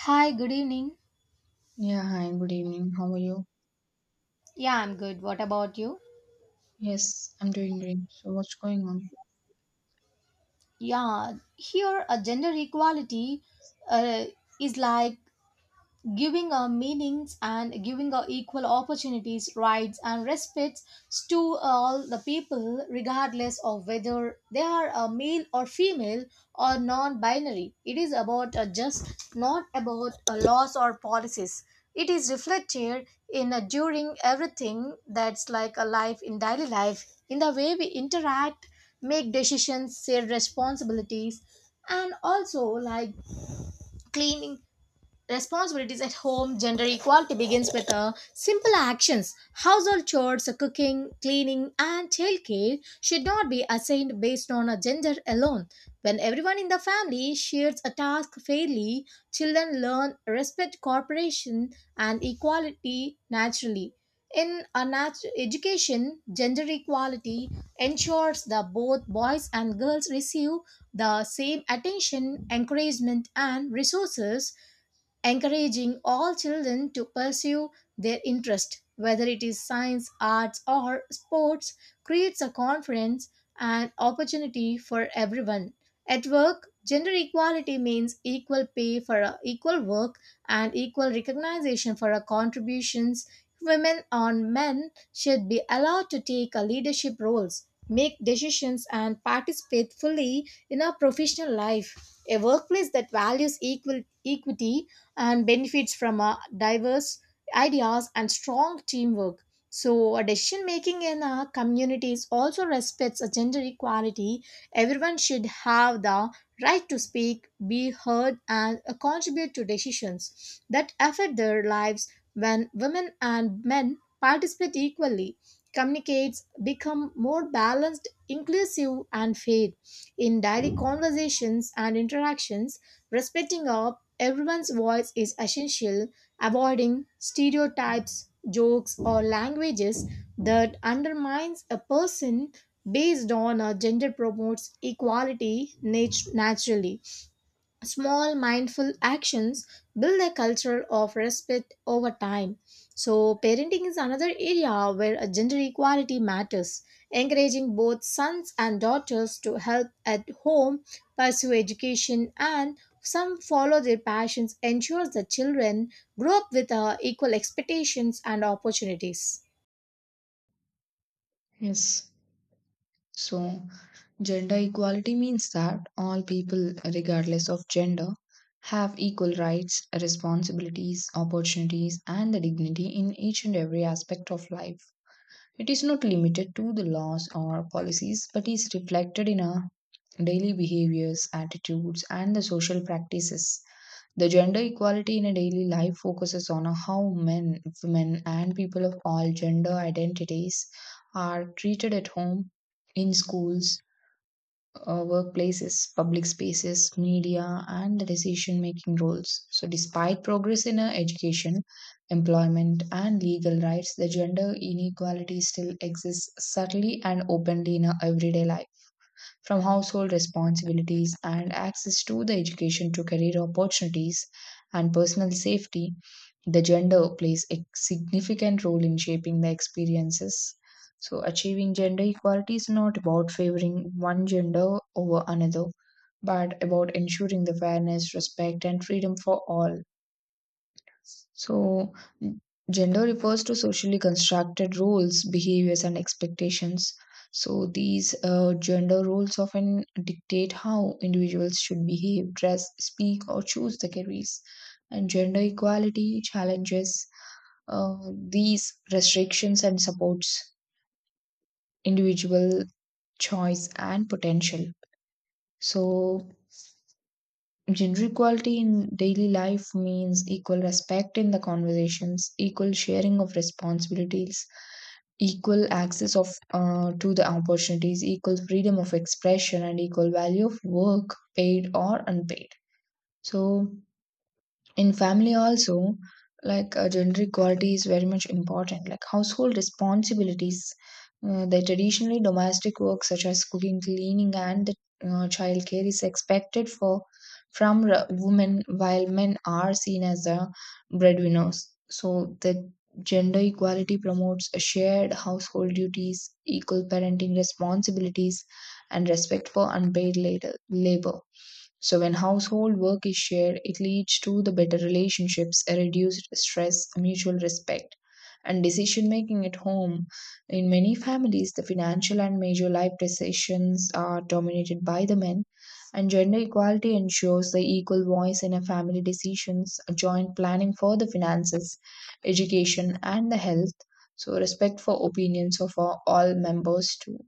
Hi, good evening. Yeah, hi, good evening. How are you? Yeah, I'm good. What about you? Yes, I'm doing great. So, what's going on? Yeah, here a gender equality uh, is like giving meanings and giving equal opportunities, rights, and respects to all the people, regardless of whether they are a male or female or non binary. It is about just not about laws or policies. It is reflected in during everything that's like a life in daily life, in the way we interact, make decisions, share responsibilities, and also like cleaning responsibilities at home. Gender equality begins with simple actions, household chores, cooking, cleaning, and childcare should not be assigned based on a gender alone. When everyone in the family shares a task fairly, children learn respect, cooperation, and equality naturally. In education, gender equality ensures that both boys and girls receive the same attention, encouragement, and resources. Encouraging all children to pursue their interest, whether it is science, arts, or sports, creates a confidence and opportunity for everyone. At work, gender equality means equal pay for a equal work, and equal recognition for our contributions. Women and men should be allowed to take a leadership roles, make decisions, and participate fully in our professional life. A workplace that values equal equity and benefits from diverse ideas and strong teamwork. So, decision making in our communities also respects a gender equality. Everyone should have the right to speak, be heard, and contribute to decisions that affect their lives when women and men participate equally. Communicates become more balanced, inclusive, and fair in daily conversations and interactions, respecting our everyone's voice is essential, avoiding stereotypes, jokes, or languages that undermines a person based on a gender promotes equality naturally. Small mindful actions build a culture of respect over time. So parenting is another area where a gender equality matters, encouraging both sons and daughters to help at home, pursue education, and some follow their passions ensures that children grow up with equal expectations and opportunities. Yes. So, gender equality means that all people, regardless of gender, have equal rights, responsibilities, opportunities, and the dignity in each and every aspect of life. It is not limited to the laws or policies, but is reflected in our daily behaviors, attitudes, and the social practices. The gender equality in a daily life focuses on how men, women, and people of all gender identities are treated at home, in schools, workplaces, public spaces, media, and the decision making roles. So, despite progress in education, employment, and legal rights, the gender inequality still exists subtly and openly in our everyday life from household responsibilities and access to the education to career opportunities and personal safety, the gender plays a significant role in shaping the experiences. So, achieving gender equality is not about favoring one gender over another, but about ensuring the fairness, respect, and freedom for all. So, gender refers to socially constructed roles, behaviors, and expectations. So, these gender roles often dictate how individuals should behave, dress, speak, or choose their careers. And gender equality challenges these restrictions and supports individual choice and potential. So, gender equality in daily life means equal respect in the conversations, equal sharing of responsibilities, equal access of to the opportunities, equal freedom of expression, and equal value of work, paid or unpaid. So in family also like gender equality is very much important, like household responsibilities, the traditionally domestic work such as cooking, cleaning, and the child care is expected for women, while men are seen as the breadwinners. So the gender equality promotes a shared household duties, equal parenting responsibilities, and respect for unpaid later labor. So when household work is shared, it leads to the better relationships, a reduced stress, mutual respect, and decision making at home. In many families, the financial and major life decisions are dominated by the men, and gender equality ensures the equal voice in a family decisions, a joint planning for the finances, education, and the health. So respect for opinions of all members too.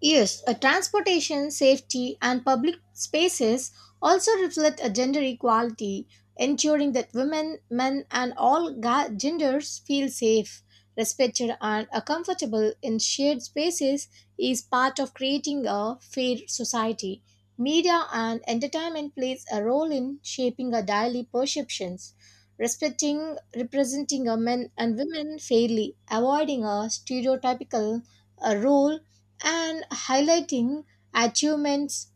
Yes, a transportation, safety, and public spaces also reflect a gender equality, ensuring that women, men, and all genders feel safe, respected, and are comfortable in shared spaces is part of creating a fair society. Media and entertainment plays a role in shaping our daily perceptions, respecting, representing our men and women fairly, avoiding a stereotypical a role and highlighting achievements.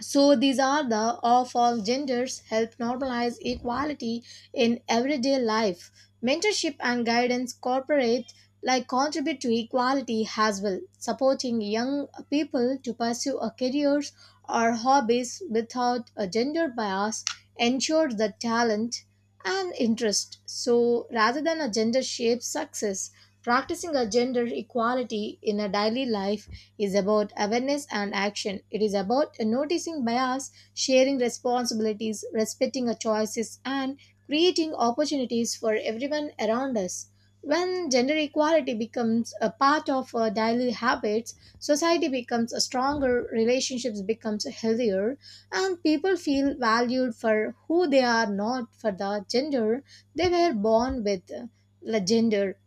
So these are the of all genders help normalize equality in everyday life. Mentorship and guidance corporate like contribute to equality as well, supporting young people to pursue a careers or hobbies without a gender bias ensures the talent and interest. So rather than a gender shaped success, practicing a gender equality in a daily life is about awareness and action. It is about noticing bias, sharing responsibilities, respecting our choices, and creating opportunities for everyone around us. When gender equality becomes a part of our daily habits, society becomes a stronger, relationships becomes healthier, and people feel valued for who they are, not for the gender they were born with. The gender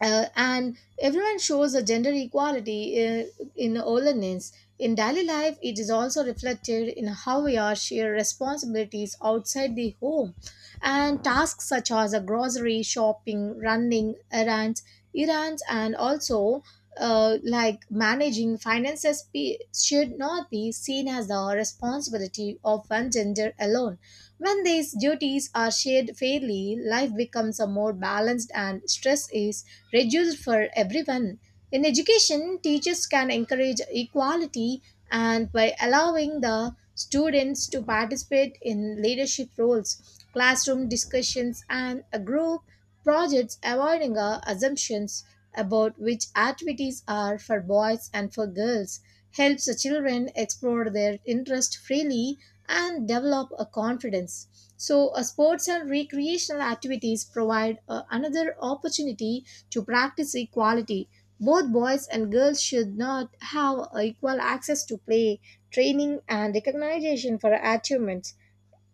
and everyone shows a gender equality in ornaments. In daily life, it is also reflected in how we are share responsibilities outside the home, and tasks such as a grocery shopping, running errands, and also like managing finances should not be seen as the responsibility of one gender alone. When these duties are shared fairly, life becomes a more balanced and stress is reduced for everyone. In education, teachers can encourage equality and by allowing the students to participate in leadership roles, classroom discussions, and a group projects, avoiding assumptions about which activities are for boys and for girls, helps the children explore their interest freely and develop a confidence. So, sports and recreational activities provide another opportunity to practice equality, both boys and girls should not have equal access to play, training, and recognition for achievements.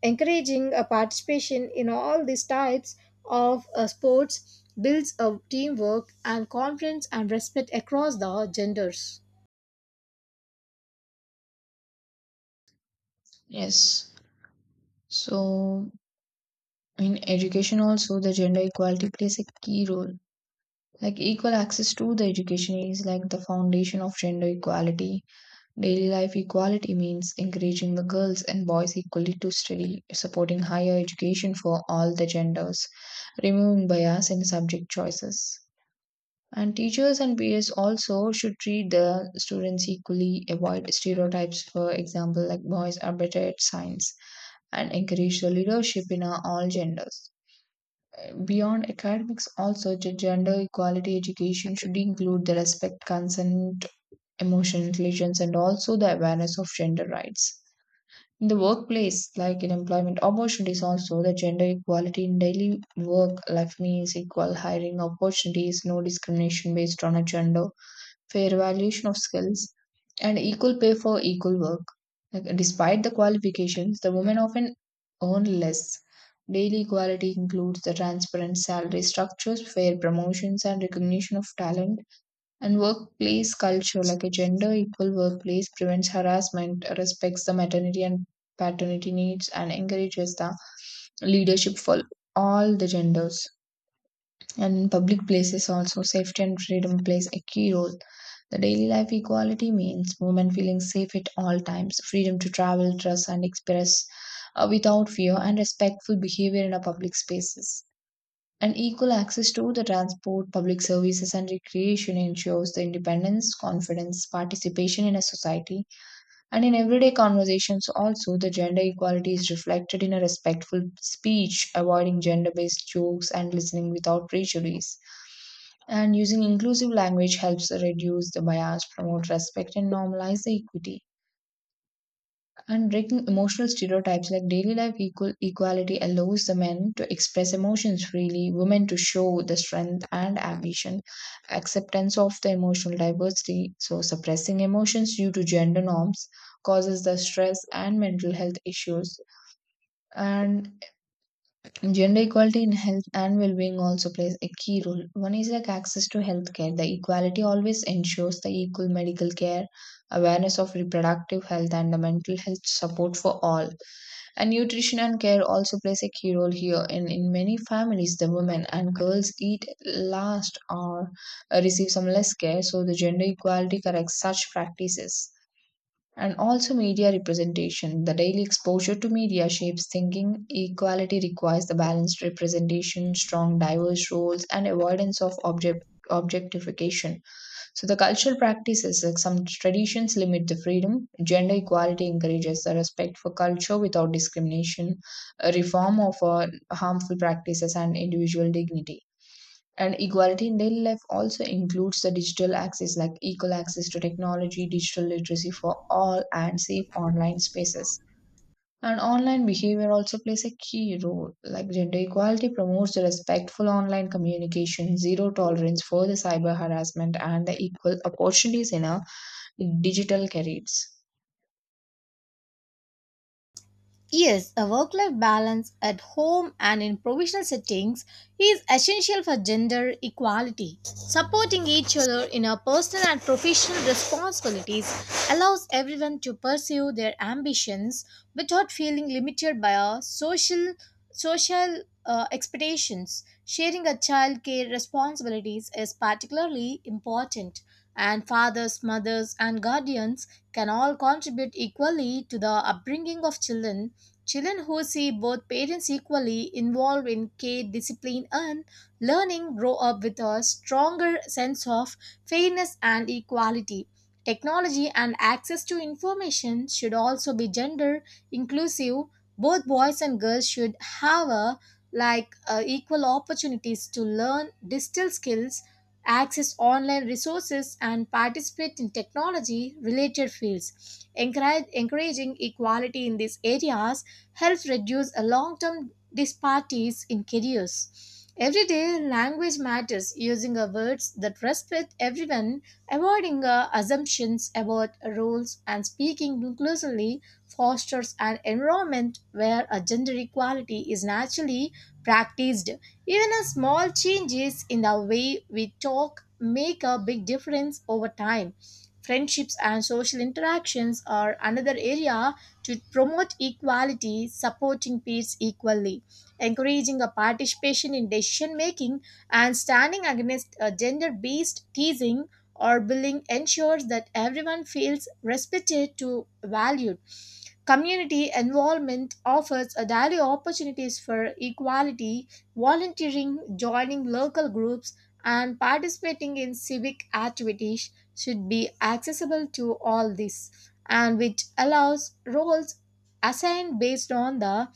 Encouraging a participation in all these types of sports builds a teamwork and confidence and respect across the genders. Yes. So in education also the gender equality plays a key role, like equal access to the education is like the foundation of gender equality. Daily life equality means encouraging the girls and boys equally to study, supporting higher education for all the genders, removing bias in subject choices, and teachers and peers also should treat the students equally, avoid stereotypes, for example like boys are better at science, and encourage the leadership in all genders. Beyond academics also gender equality education should include the respect, consent, emotional intelligence, and also the awareness of gender rights. In the workplace, like in employment opportunities also the gender equality in daily work life means equal hiring opportunities, no discrimination based on a gender, fair valuation of skills, and equal pay for equal work. Like, despite the qualifications, the women often earn less. Daily equality includes the transparent salary structures, fair promotions, and recognition of talent. And workplace culture, like a gender equal workplace, prevents harassment, respects the maternity and paternity needs, and encourages the leadership for all the genders. And in public places also safety and freedom plays a key role. The daily life equality means women feeling safe at all times, freedom to travel, dress, and express without fear, and respectful behavior in our public spaces, and equal access to the transport, public services, and recreation ensures the independence, confidence, participation in a society. And in everyday conversations, also, the gender equality is reflected in a respectful speech, avoiding gender based jokes and listening without prejudice. And using inclusive language helps reduce the bias, promote respect, and normalize the equity. And breaking emotional stereotypes, like daily life equality allows the men to express emotions freely, women to show the strength and ambition, acceptance of the emotional diversity. So suppressing emotions due to gender norms causes the stress and mental health issues. And gender equality in health and well-being also plays a key role. One is like access to healthcare. The equality always ensures the equal medical care, awareness of reproductive health and the mental health support for all. And nutrition and care also plays a key role here. In many families, the women and girls eat last or receive some less care, so the gender equality corrects such practices. And also, media representation. The daily exposure to media shapes thinking. Equality requires the balanced representation, strong diverse roles, and avoidance of objectification. So the cultural practices, like some traditions limit the freedom. Gender equality encourages the respect for culture without discrimination, a reform of harmful practices and individual dignity. And equality in daily life also includes the digital access, like equal access to technology, digital literacy for all, and safe online spaces. And online behavior also plays a key role. Like gender equality promotes the respectful online communication, zero tolerance for the cyber harassment, and the equal opportunities in our digital careers. Yes, a work life balance at home and in provisional settings is essential for gender equality. Supporting each other in our personal and professional responsibilities allows everyone to pursue their ambitions without feeling limited by our social expectations. Sharing a childcare responsibilities is particularly important, and fathers, mothers, and guardians can all contribute equally to the upbringing of children. Children who see both parents equally involved in care, discipline, and learning grow up with a stronger sense of fairness and equality. Technology and access to information should also be gender inclusive. Both boys and girls should have a, like equal opportunities to learn digital skills, access online resources, and participate in technology related fields encouraging equality in these areas helps reduce a long-term disparities in careers. Everyday language matters using a words that respect everyone, avoiding assumptions about roles and speaking inclusively fosters an environment where a gender equality is naturally practiced. Even a small changes in the way we talk make a big difference over time. Friendships and social interactions are another area to promote equality, supporting peers equally, encouraging a participation in decision making, and standing against gender based teasing or bullying ensures that everyone feels respected to valued. Community involvement offers a daily opportunities for equality, volunteering, joining local groups, and participating in civic activities should be accessible to all this, and which allows roles assigned based on the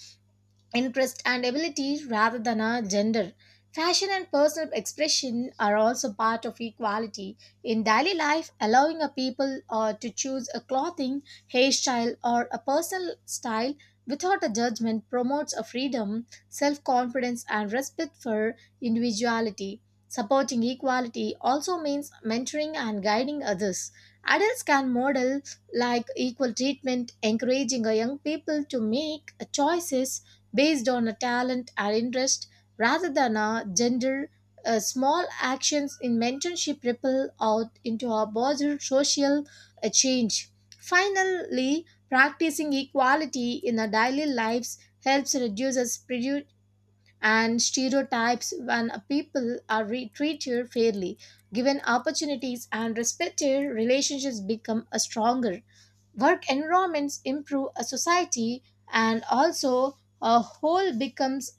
interest and ability rather than a gender. Fashion and personal expression are also part of equality in daily life, allowing a people to choose a clothing, hairstyle, or a personal style without a judgment promotes a freedom, self-confidence, and respect for individuality. Supporting equality also means mentoring and guiding others. Adults can model like equal treatment, encouraging a young people to make choices based on a talent or interest rather than a gender. Small actions in mentorship ripple out into a broader social change. Finally, practicing equality in our daily lives helps reduce us prejudice and stereotypes when a people are treated fairly. Given opportunities and respected relationships become a stronger, work environments improve a society, and also a whole becomes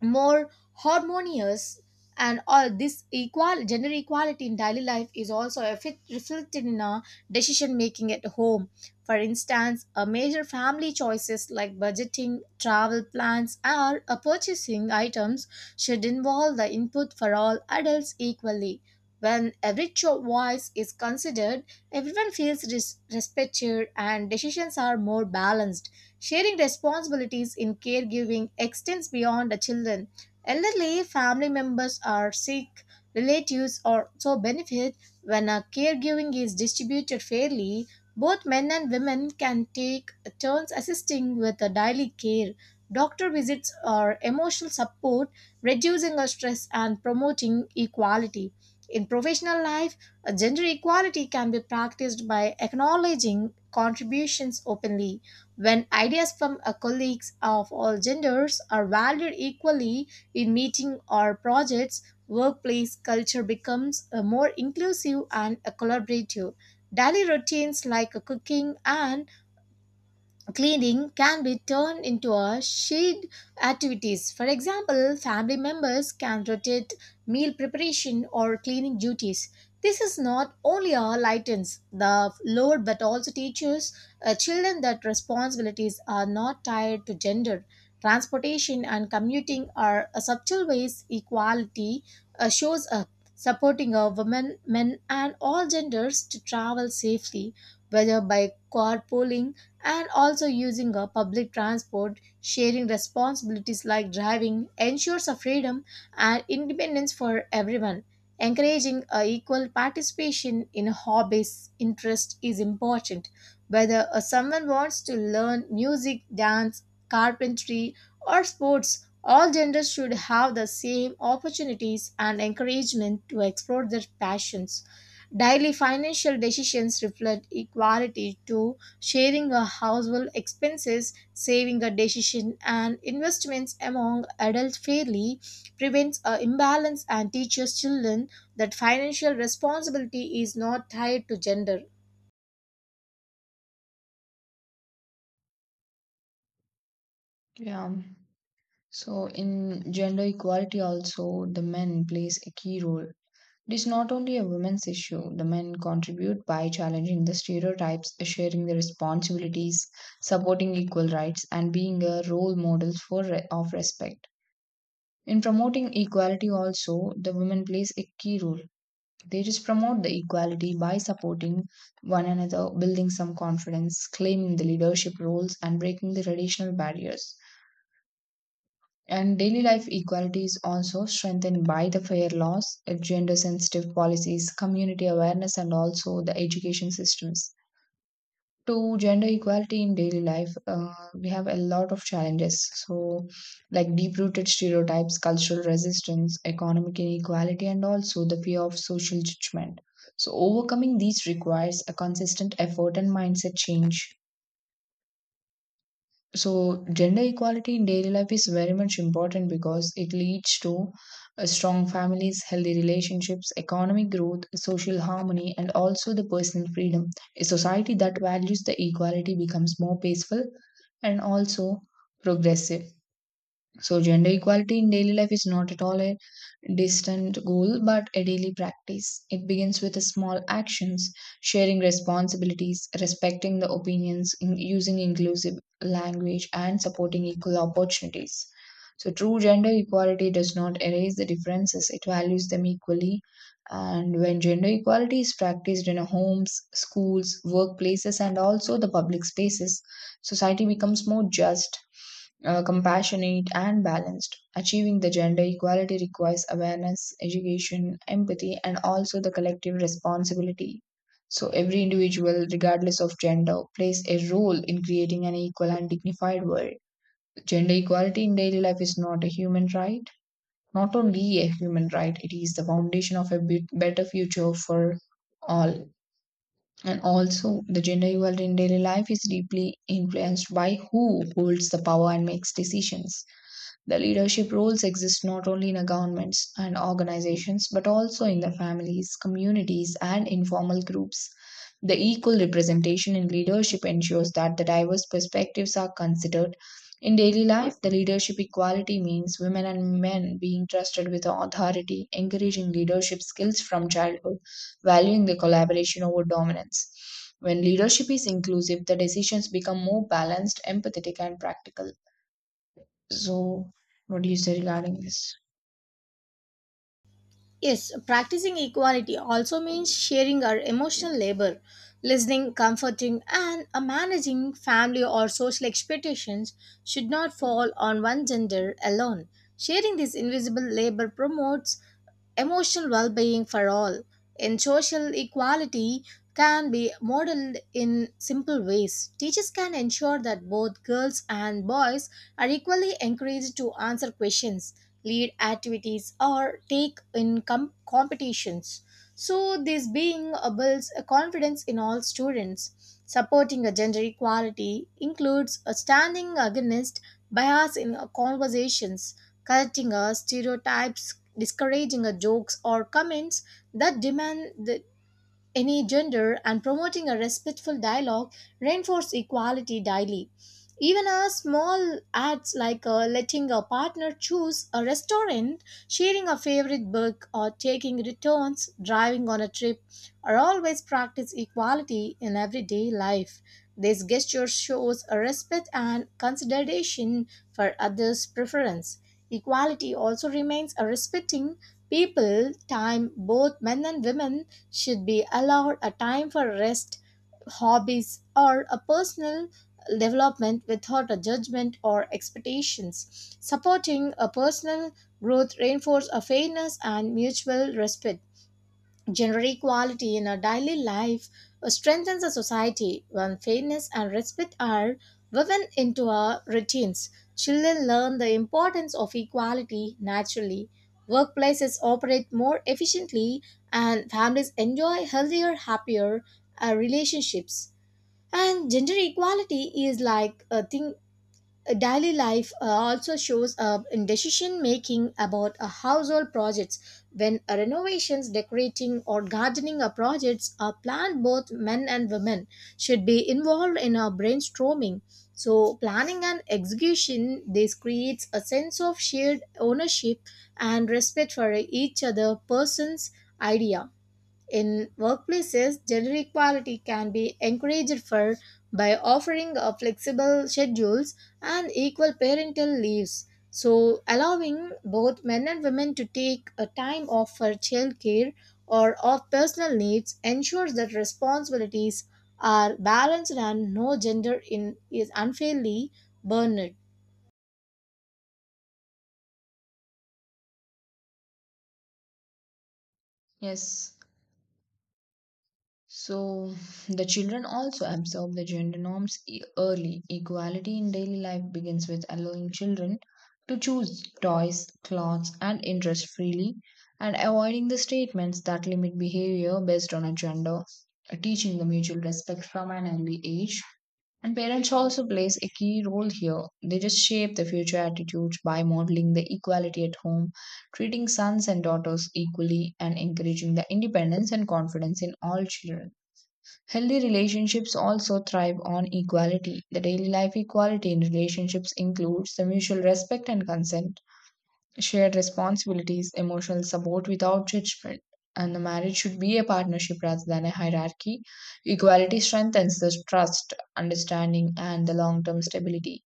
more harmonious. And all this equal gender equality in daily life is also reflected in our decision making at home. For instance, a major family choices like budgeting, travel plans, or purchasing items should involve the input for all adults equally. When every choice is considered, everyone feels respected and decisions are more balanced. Sharing responsibilities in caregiving extends beyond the children. Elderly family members are sick, relatives also benefit when a caregiving is distributed fairly. Both men and women can take turns assisting with the daily care, doctor visits, or emotional support, reducing the stress and promoting equality. In professional life, gender equality can be practiced by acknowledging contributions openly. When ideas from colleagues of all genders are valued equally in meeting or projects, workplace culture becomes more inclusive and collaborative. Daily routines like cooking and cleaning can be turned into a shared activities. For example, family members can rotate meal preparation or cleaning duties. This is not only a lightens the load but also teaches children that responsibilities are not tied to gender. Transportation and commuting are a subtle ways equality shows up, supporting a women, men, and all genders to travel safely, whether by carpooling and also using a public transport, sharing responsibilities like driving ensures a freedom and independence for everyone. Encouraging a equal participation in hobbies interest is important. Whether someone wants to learn music, dance, carpentry, or sports, all genders should have the same opportunities and encouragement to explore their passions. Daily financial decisions reflect equality to sharing a household expenses, saving a decision, and investments among adults fairly prevents a imbalance and teaches children that financial responsibility is not tied to gender. Yeah. So in gender equality also the men plays a key role. It is not only a women's issue. The men contribute by challenging the stereotypes, sharing the responsibilities, supporting equal rights, and being a role models for of respect. In promoting equality, also the women plays a key role. They just promote the equality by supporting one another, building some confidence, claiming the leadership roles, and breaking the traditional barriers. And daily life equality is also strengthened by the fair laws, gender sensitive policies, community awareness, and also the education systems. To gender equality in daily life, we have a lot of challenges. So, like deep rooted stereotypes, cultural resistance, economic inequality, and also the fear of social judgment. So, overcoming these requires a consistent effort and mindset change. So, gender equality in daily life is very much important because it leads to strong families, healthy relationships, economic growth, social harmony, and also the personal freedom. A society that values the equality becomes more peaceful and also progressive. So, gender equality in daily life is not at all a distant goal, but a daily practice. It begins with small actions, sharing responsibilities, respecting the opinions, using inclusive language, and supporting equal opportunities. So, true gender equality does not erase the differences, it values them equally. And when gender equality is practiced in homes, schools, workplaces, and also the public spaces, society becomes more just compassionate, and balanced. Achieving the gender equality requires awareness, education, empathy, and also the collective responsibility. So, every individual, regardless of gender, plays a role in creating an equal and dignified world. Gender equality in daily life is not a human right, not only a human right, it is the foundation of a bit better future for all. And also, the gender equality in daily life is deeply influenced by who holds the power and makes decisions. The leadership roles exist not only in governments and organizations, but also in the families, communities, and informal groups. The equal representation in leadership ensures that the diverse perspectives are considered. In daily life, the leadership equality means women and men being trusted with authority, encouraging leadership skills from childhood, valuing the collaboration over dominance. When leadership is inclusive, the decisions become more balanced, empathetic, and practical. So, what do you say regarding this? Yes, practicing equality also means sharing our emotional labor, listening, comforting, and managing family or social expectations should not fall on one gender alone. Sharing this invisible labor promotes emotional well being for all in social equality can be modeled in simple ways. Teachers can ensure that both girls and boys are equally encouraged to answer questions, lead activities, or take in competitions. So, this being builds a confidence in all students. Supporting a gender equality includes a standing against bias in conversations, correcting stereotypes, discouraging jokes or comments that demand any gender and promoting a respectful dialogue reinforce equality daily. Even a small acts like letting a partner choose a restaurant, sharing a favorite book, or taking returns, driving on a trip, are always practice equality in everyday life. This gesture shows a respect and consideration for others' preference. Equality also remains a respecting people, time, both men and women, should be allowed a time for rest, hobbies, or a personal development without a judgment or expectations. Supporting a personal growth reinforces a fairness and mutual respect. Gender equality in our daily life strengthens a society when fairness and respect are woven into our routines. Children learn the importance of equality naturally. Workplaces operate more efficiently and families enjoy healthier, happier relationships. And gender equality is like a thing daily life also shows up in decision making about household projects. When renovations, decorating, or gardening projects are planned, both men and women should be involved in brainstorming, so planning and execution, this creates a sense of shared ownership and respect for each other person's idea. In workplaces, gender equality can be encouraged for by offering a flexible schedules and equal parental leaves. So, allowing both men and women to take a time off for childcare or of personal needs ensures that responsibilities are balanced and no gender in is unfairly burdened. Yes. So the children also absorb the gender norms early. Equality in daily life begins with allowing children to choose toys, clothes, and interests freely and avoiding the statements that limit behavior based on a gender. Teaching the mutual respect from an early age. And parents also plays a key role here. They just shape the future attitudes by modeling the equality at home, treating sons and daughters equally, and encouraging the independence and confidence in all children. Healthy relationships also thrive on equality. The daily life equality in relationships includes the mutual respect and consent, shared responsibilities, emotional support without judgment. And the marriage should be a partnership rather than a hierarchy. Equality strengthens the trust, understanding, and the long term stability.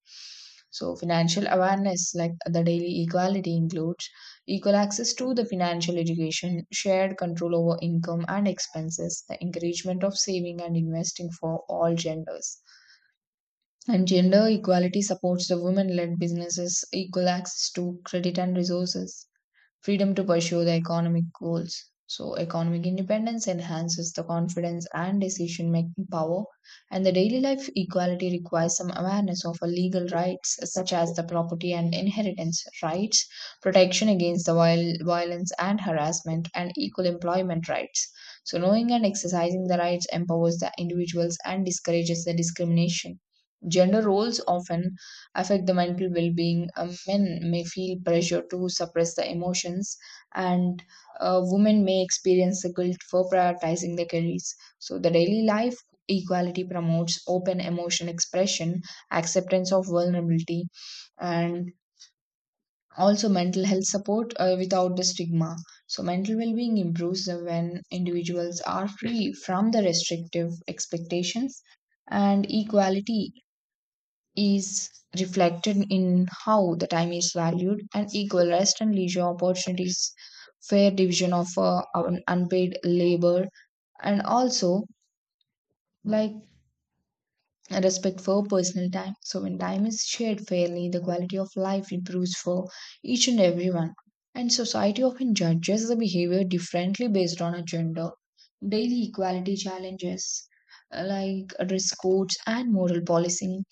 So, financial awareness, like the daily equality, includes equal access to the financial education, shared control over income and expenses, the encouragement of saving and investing for all genders. And gender equality supports the women led businesses, equal access to credit and resources, freedom to pursue the economic goals. So, economic independence enhances the confidence and decision making power, and the daily life equality requires some awareness of our legal rights, such as the property and inheritance rights, protection against the violence and harassment, and equal employment rights. So, knowing and exercising the rights empowers the individuals and discourages the discrimination. Gender roles often affect the mental well-being. Men may feel pressure to suppress the emotions, and women may experience the guilt for prioritizing their careers. So, the daily life equality promotes open emotion expression, acceptance of vulnerability, and also mental health support without the stigma. So, mental well being improves when individuals are free from the restrictive expectations, and equality is reflected in how the time is valued, and equal rest and leisure opportunities, fair division of unpaid labor, and also like respect for personal time. So when time is shared fairly, the quality of life improves for each and everyone. And society often judges the behavior differently based on a gender. Daily equality challenges like risk codes and moral policing,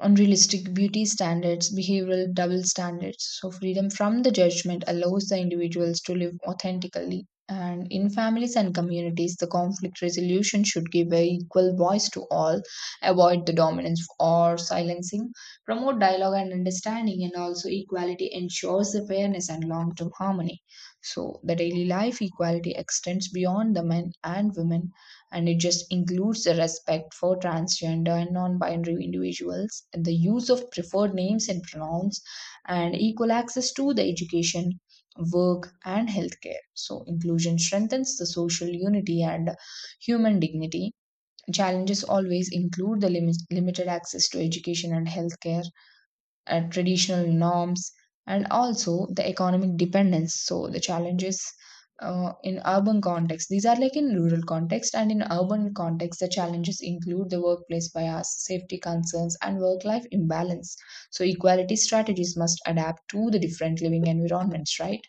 unrealistic beauty standards, behavioral double standards. So, freedom from the judgment allows the individuals to live authentically. And in families and communities, the conflict resolution should give an equal voice to all, avoid the dominance or silencing, promote dialogue and understanding, and also equality ensures the fairness and long term harmony. So, the daily life equality extends beyond the men and women, and it just includes the respect for transgender and non-binary individuals, the use of preferred names and pronouns, and equal access to the education, work, and healthcare. So inclusion strengthens the social unity and human dignity. Challenges always include the limited access to education and healthcare, traditional norms, and also the economic dependence. So the challenges in rural context and in urban context, the challenges include the workplace bias, safety concerns, and work life imbalance. So equality strategies must adapt to the different living environments, right?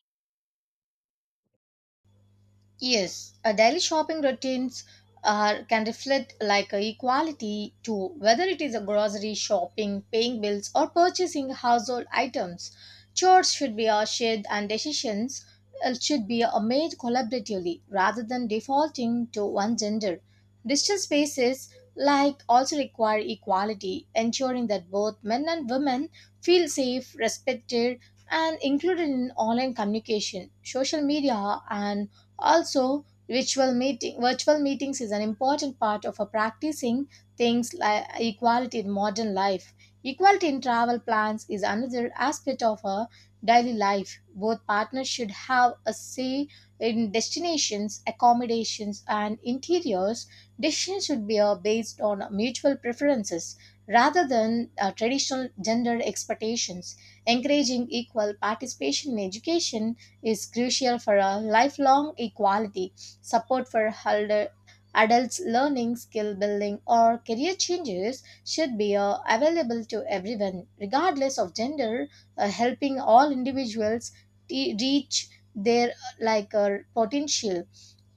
Yes, daily shopping routines are, can reflect like equality to whether it is a grocery shopping, paying bills, or purchasing household items. Chores should be shared and decisions should be made collaboratively rather than defaulting to one gender. Digital spaces like also require equality, ensuring that both men and women feel safe, respected, and included in online communication. Social media and also, virtual meetings is an important part of a practicing things like equality in modern life. Equality in travel plans is another aspect of a daily life. Both partners should have a say in destinations, accommodations, and interiors. Decisions should be based on mutual preferences rather than traditional gender expectations. Encouraging equal participation in education is crucial for a lifelong equality. Support for elder, adults learning, skill building, or career changes should be available to everyone, regardless of gender, helping all individuals reach their like potential.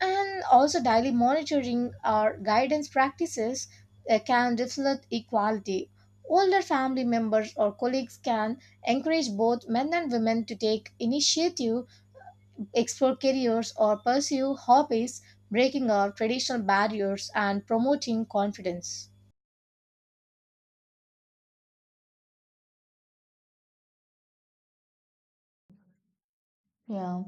And also, daily monitoring or guidance practices can reflect equality. Older family members or colleagues can encourage both men and women to take initiative, explore careers, or pursue hobbies, breaking our traditional barriers and promoting confidence. Yeah.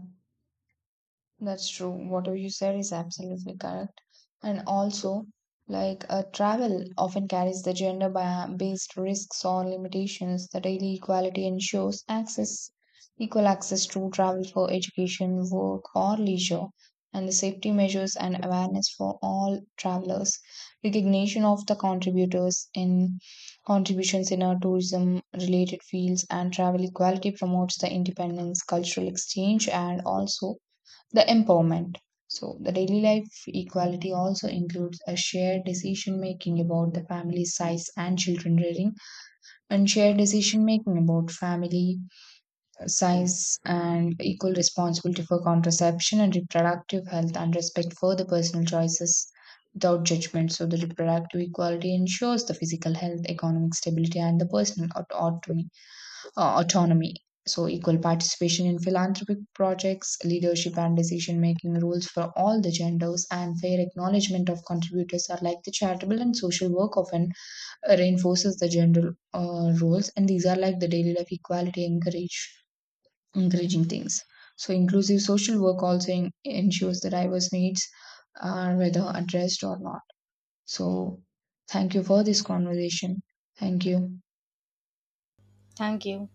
That's true. Whatever you said is absolutely correct. And also, like travel often carries the gender based risks or limitations. The daily equality ensures access, equal access to travel for education, work, or leisure, and the safety measures and awareness for all travelers. Recognition of the contributors in contributions in our tourism related fields, and travel equality promotes the independence, cultural exchange, and also the empowerment. So, the daily life equality also includes a shared decision making about the family size and children rearing, and shared decision making about family size and equal responsibility for contraception and reproductive health, and respect for the personal choices without judgment. So, the reproductive equality ensures the physical health, economic stability, and the personal autonomy. So, equal participation in philanthropic projects, leadership and decision making roles for all the genders, and fair acknowledgement of contributors are like the charitable and social work often reinforces the gender roles, and these are like the daily life equality encourage encouraging things. So, inclusive social work also ensures the diverse needs are whether addressed or not. So, thank you for this conversation. Thank you. Thank you.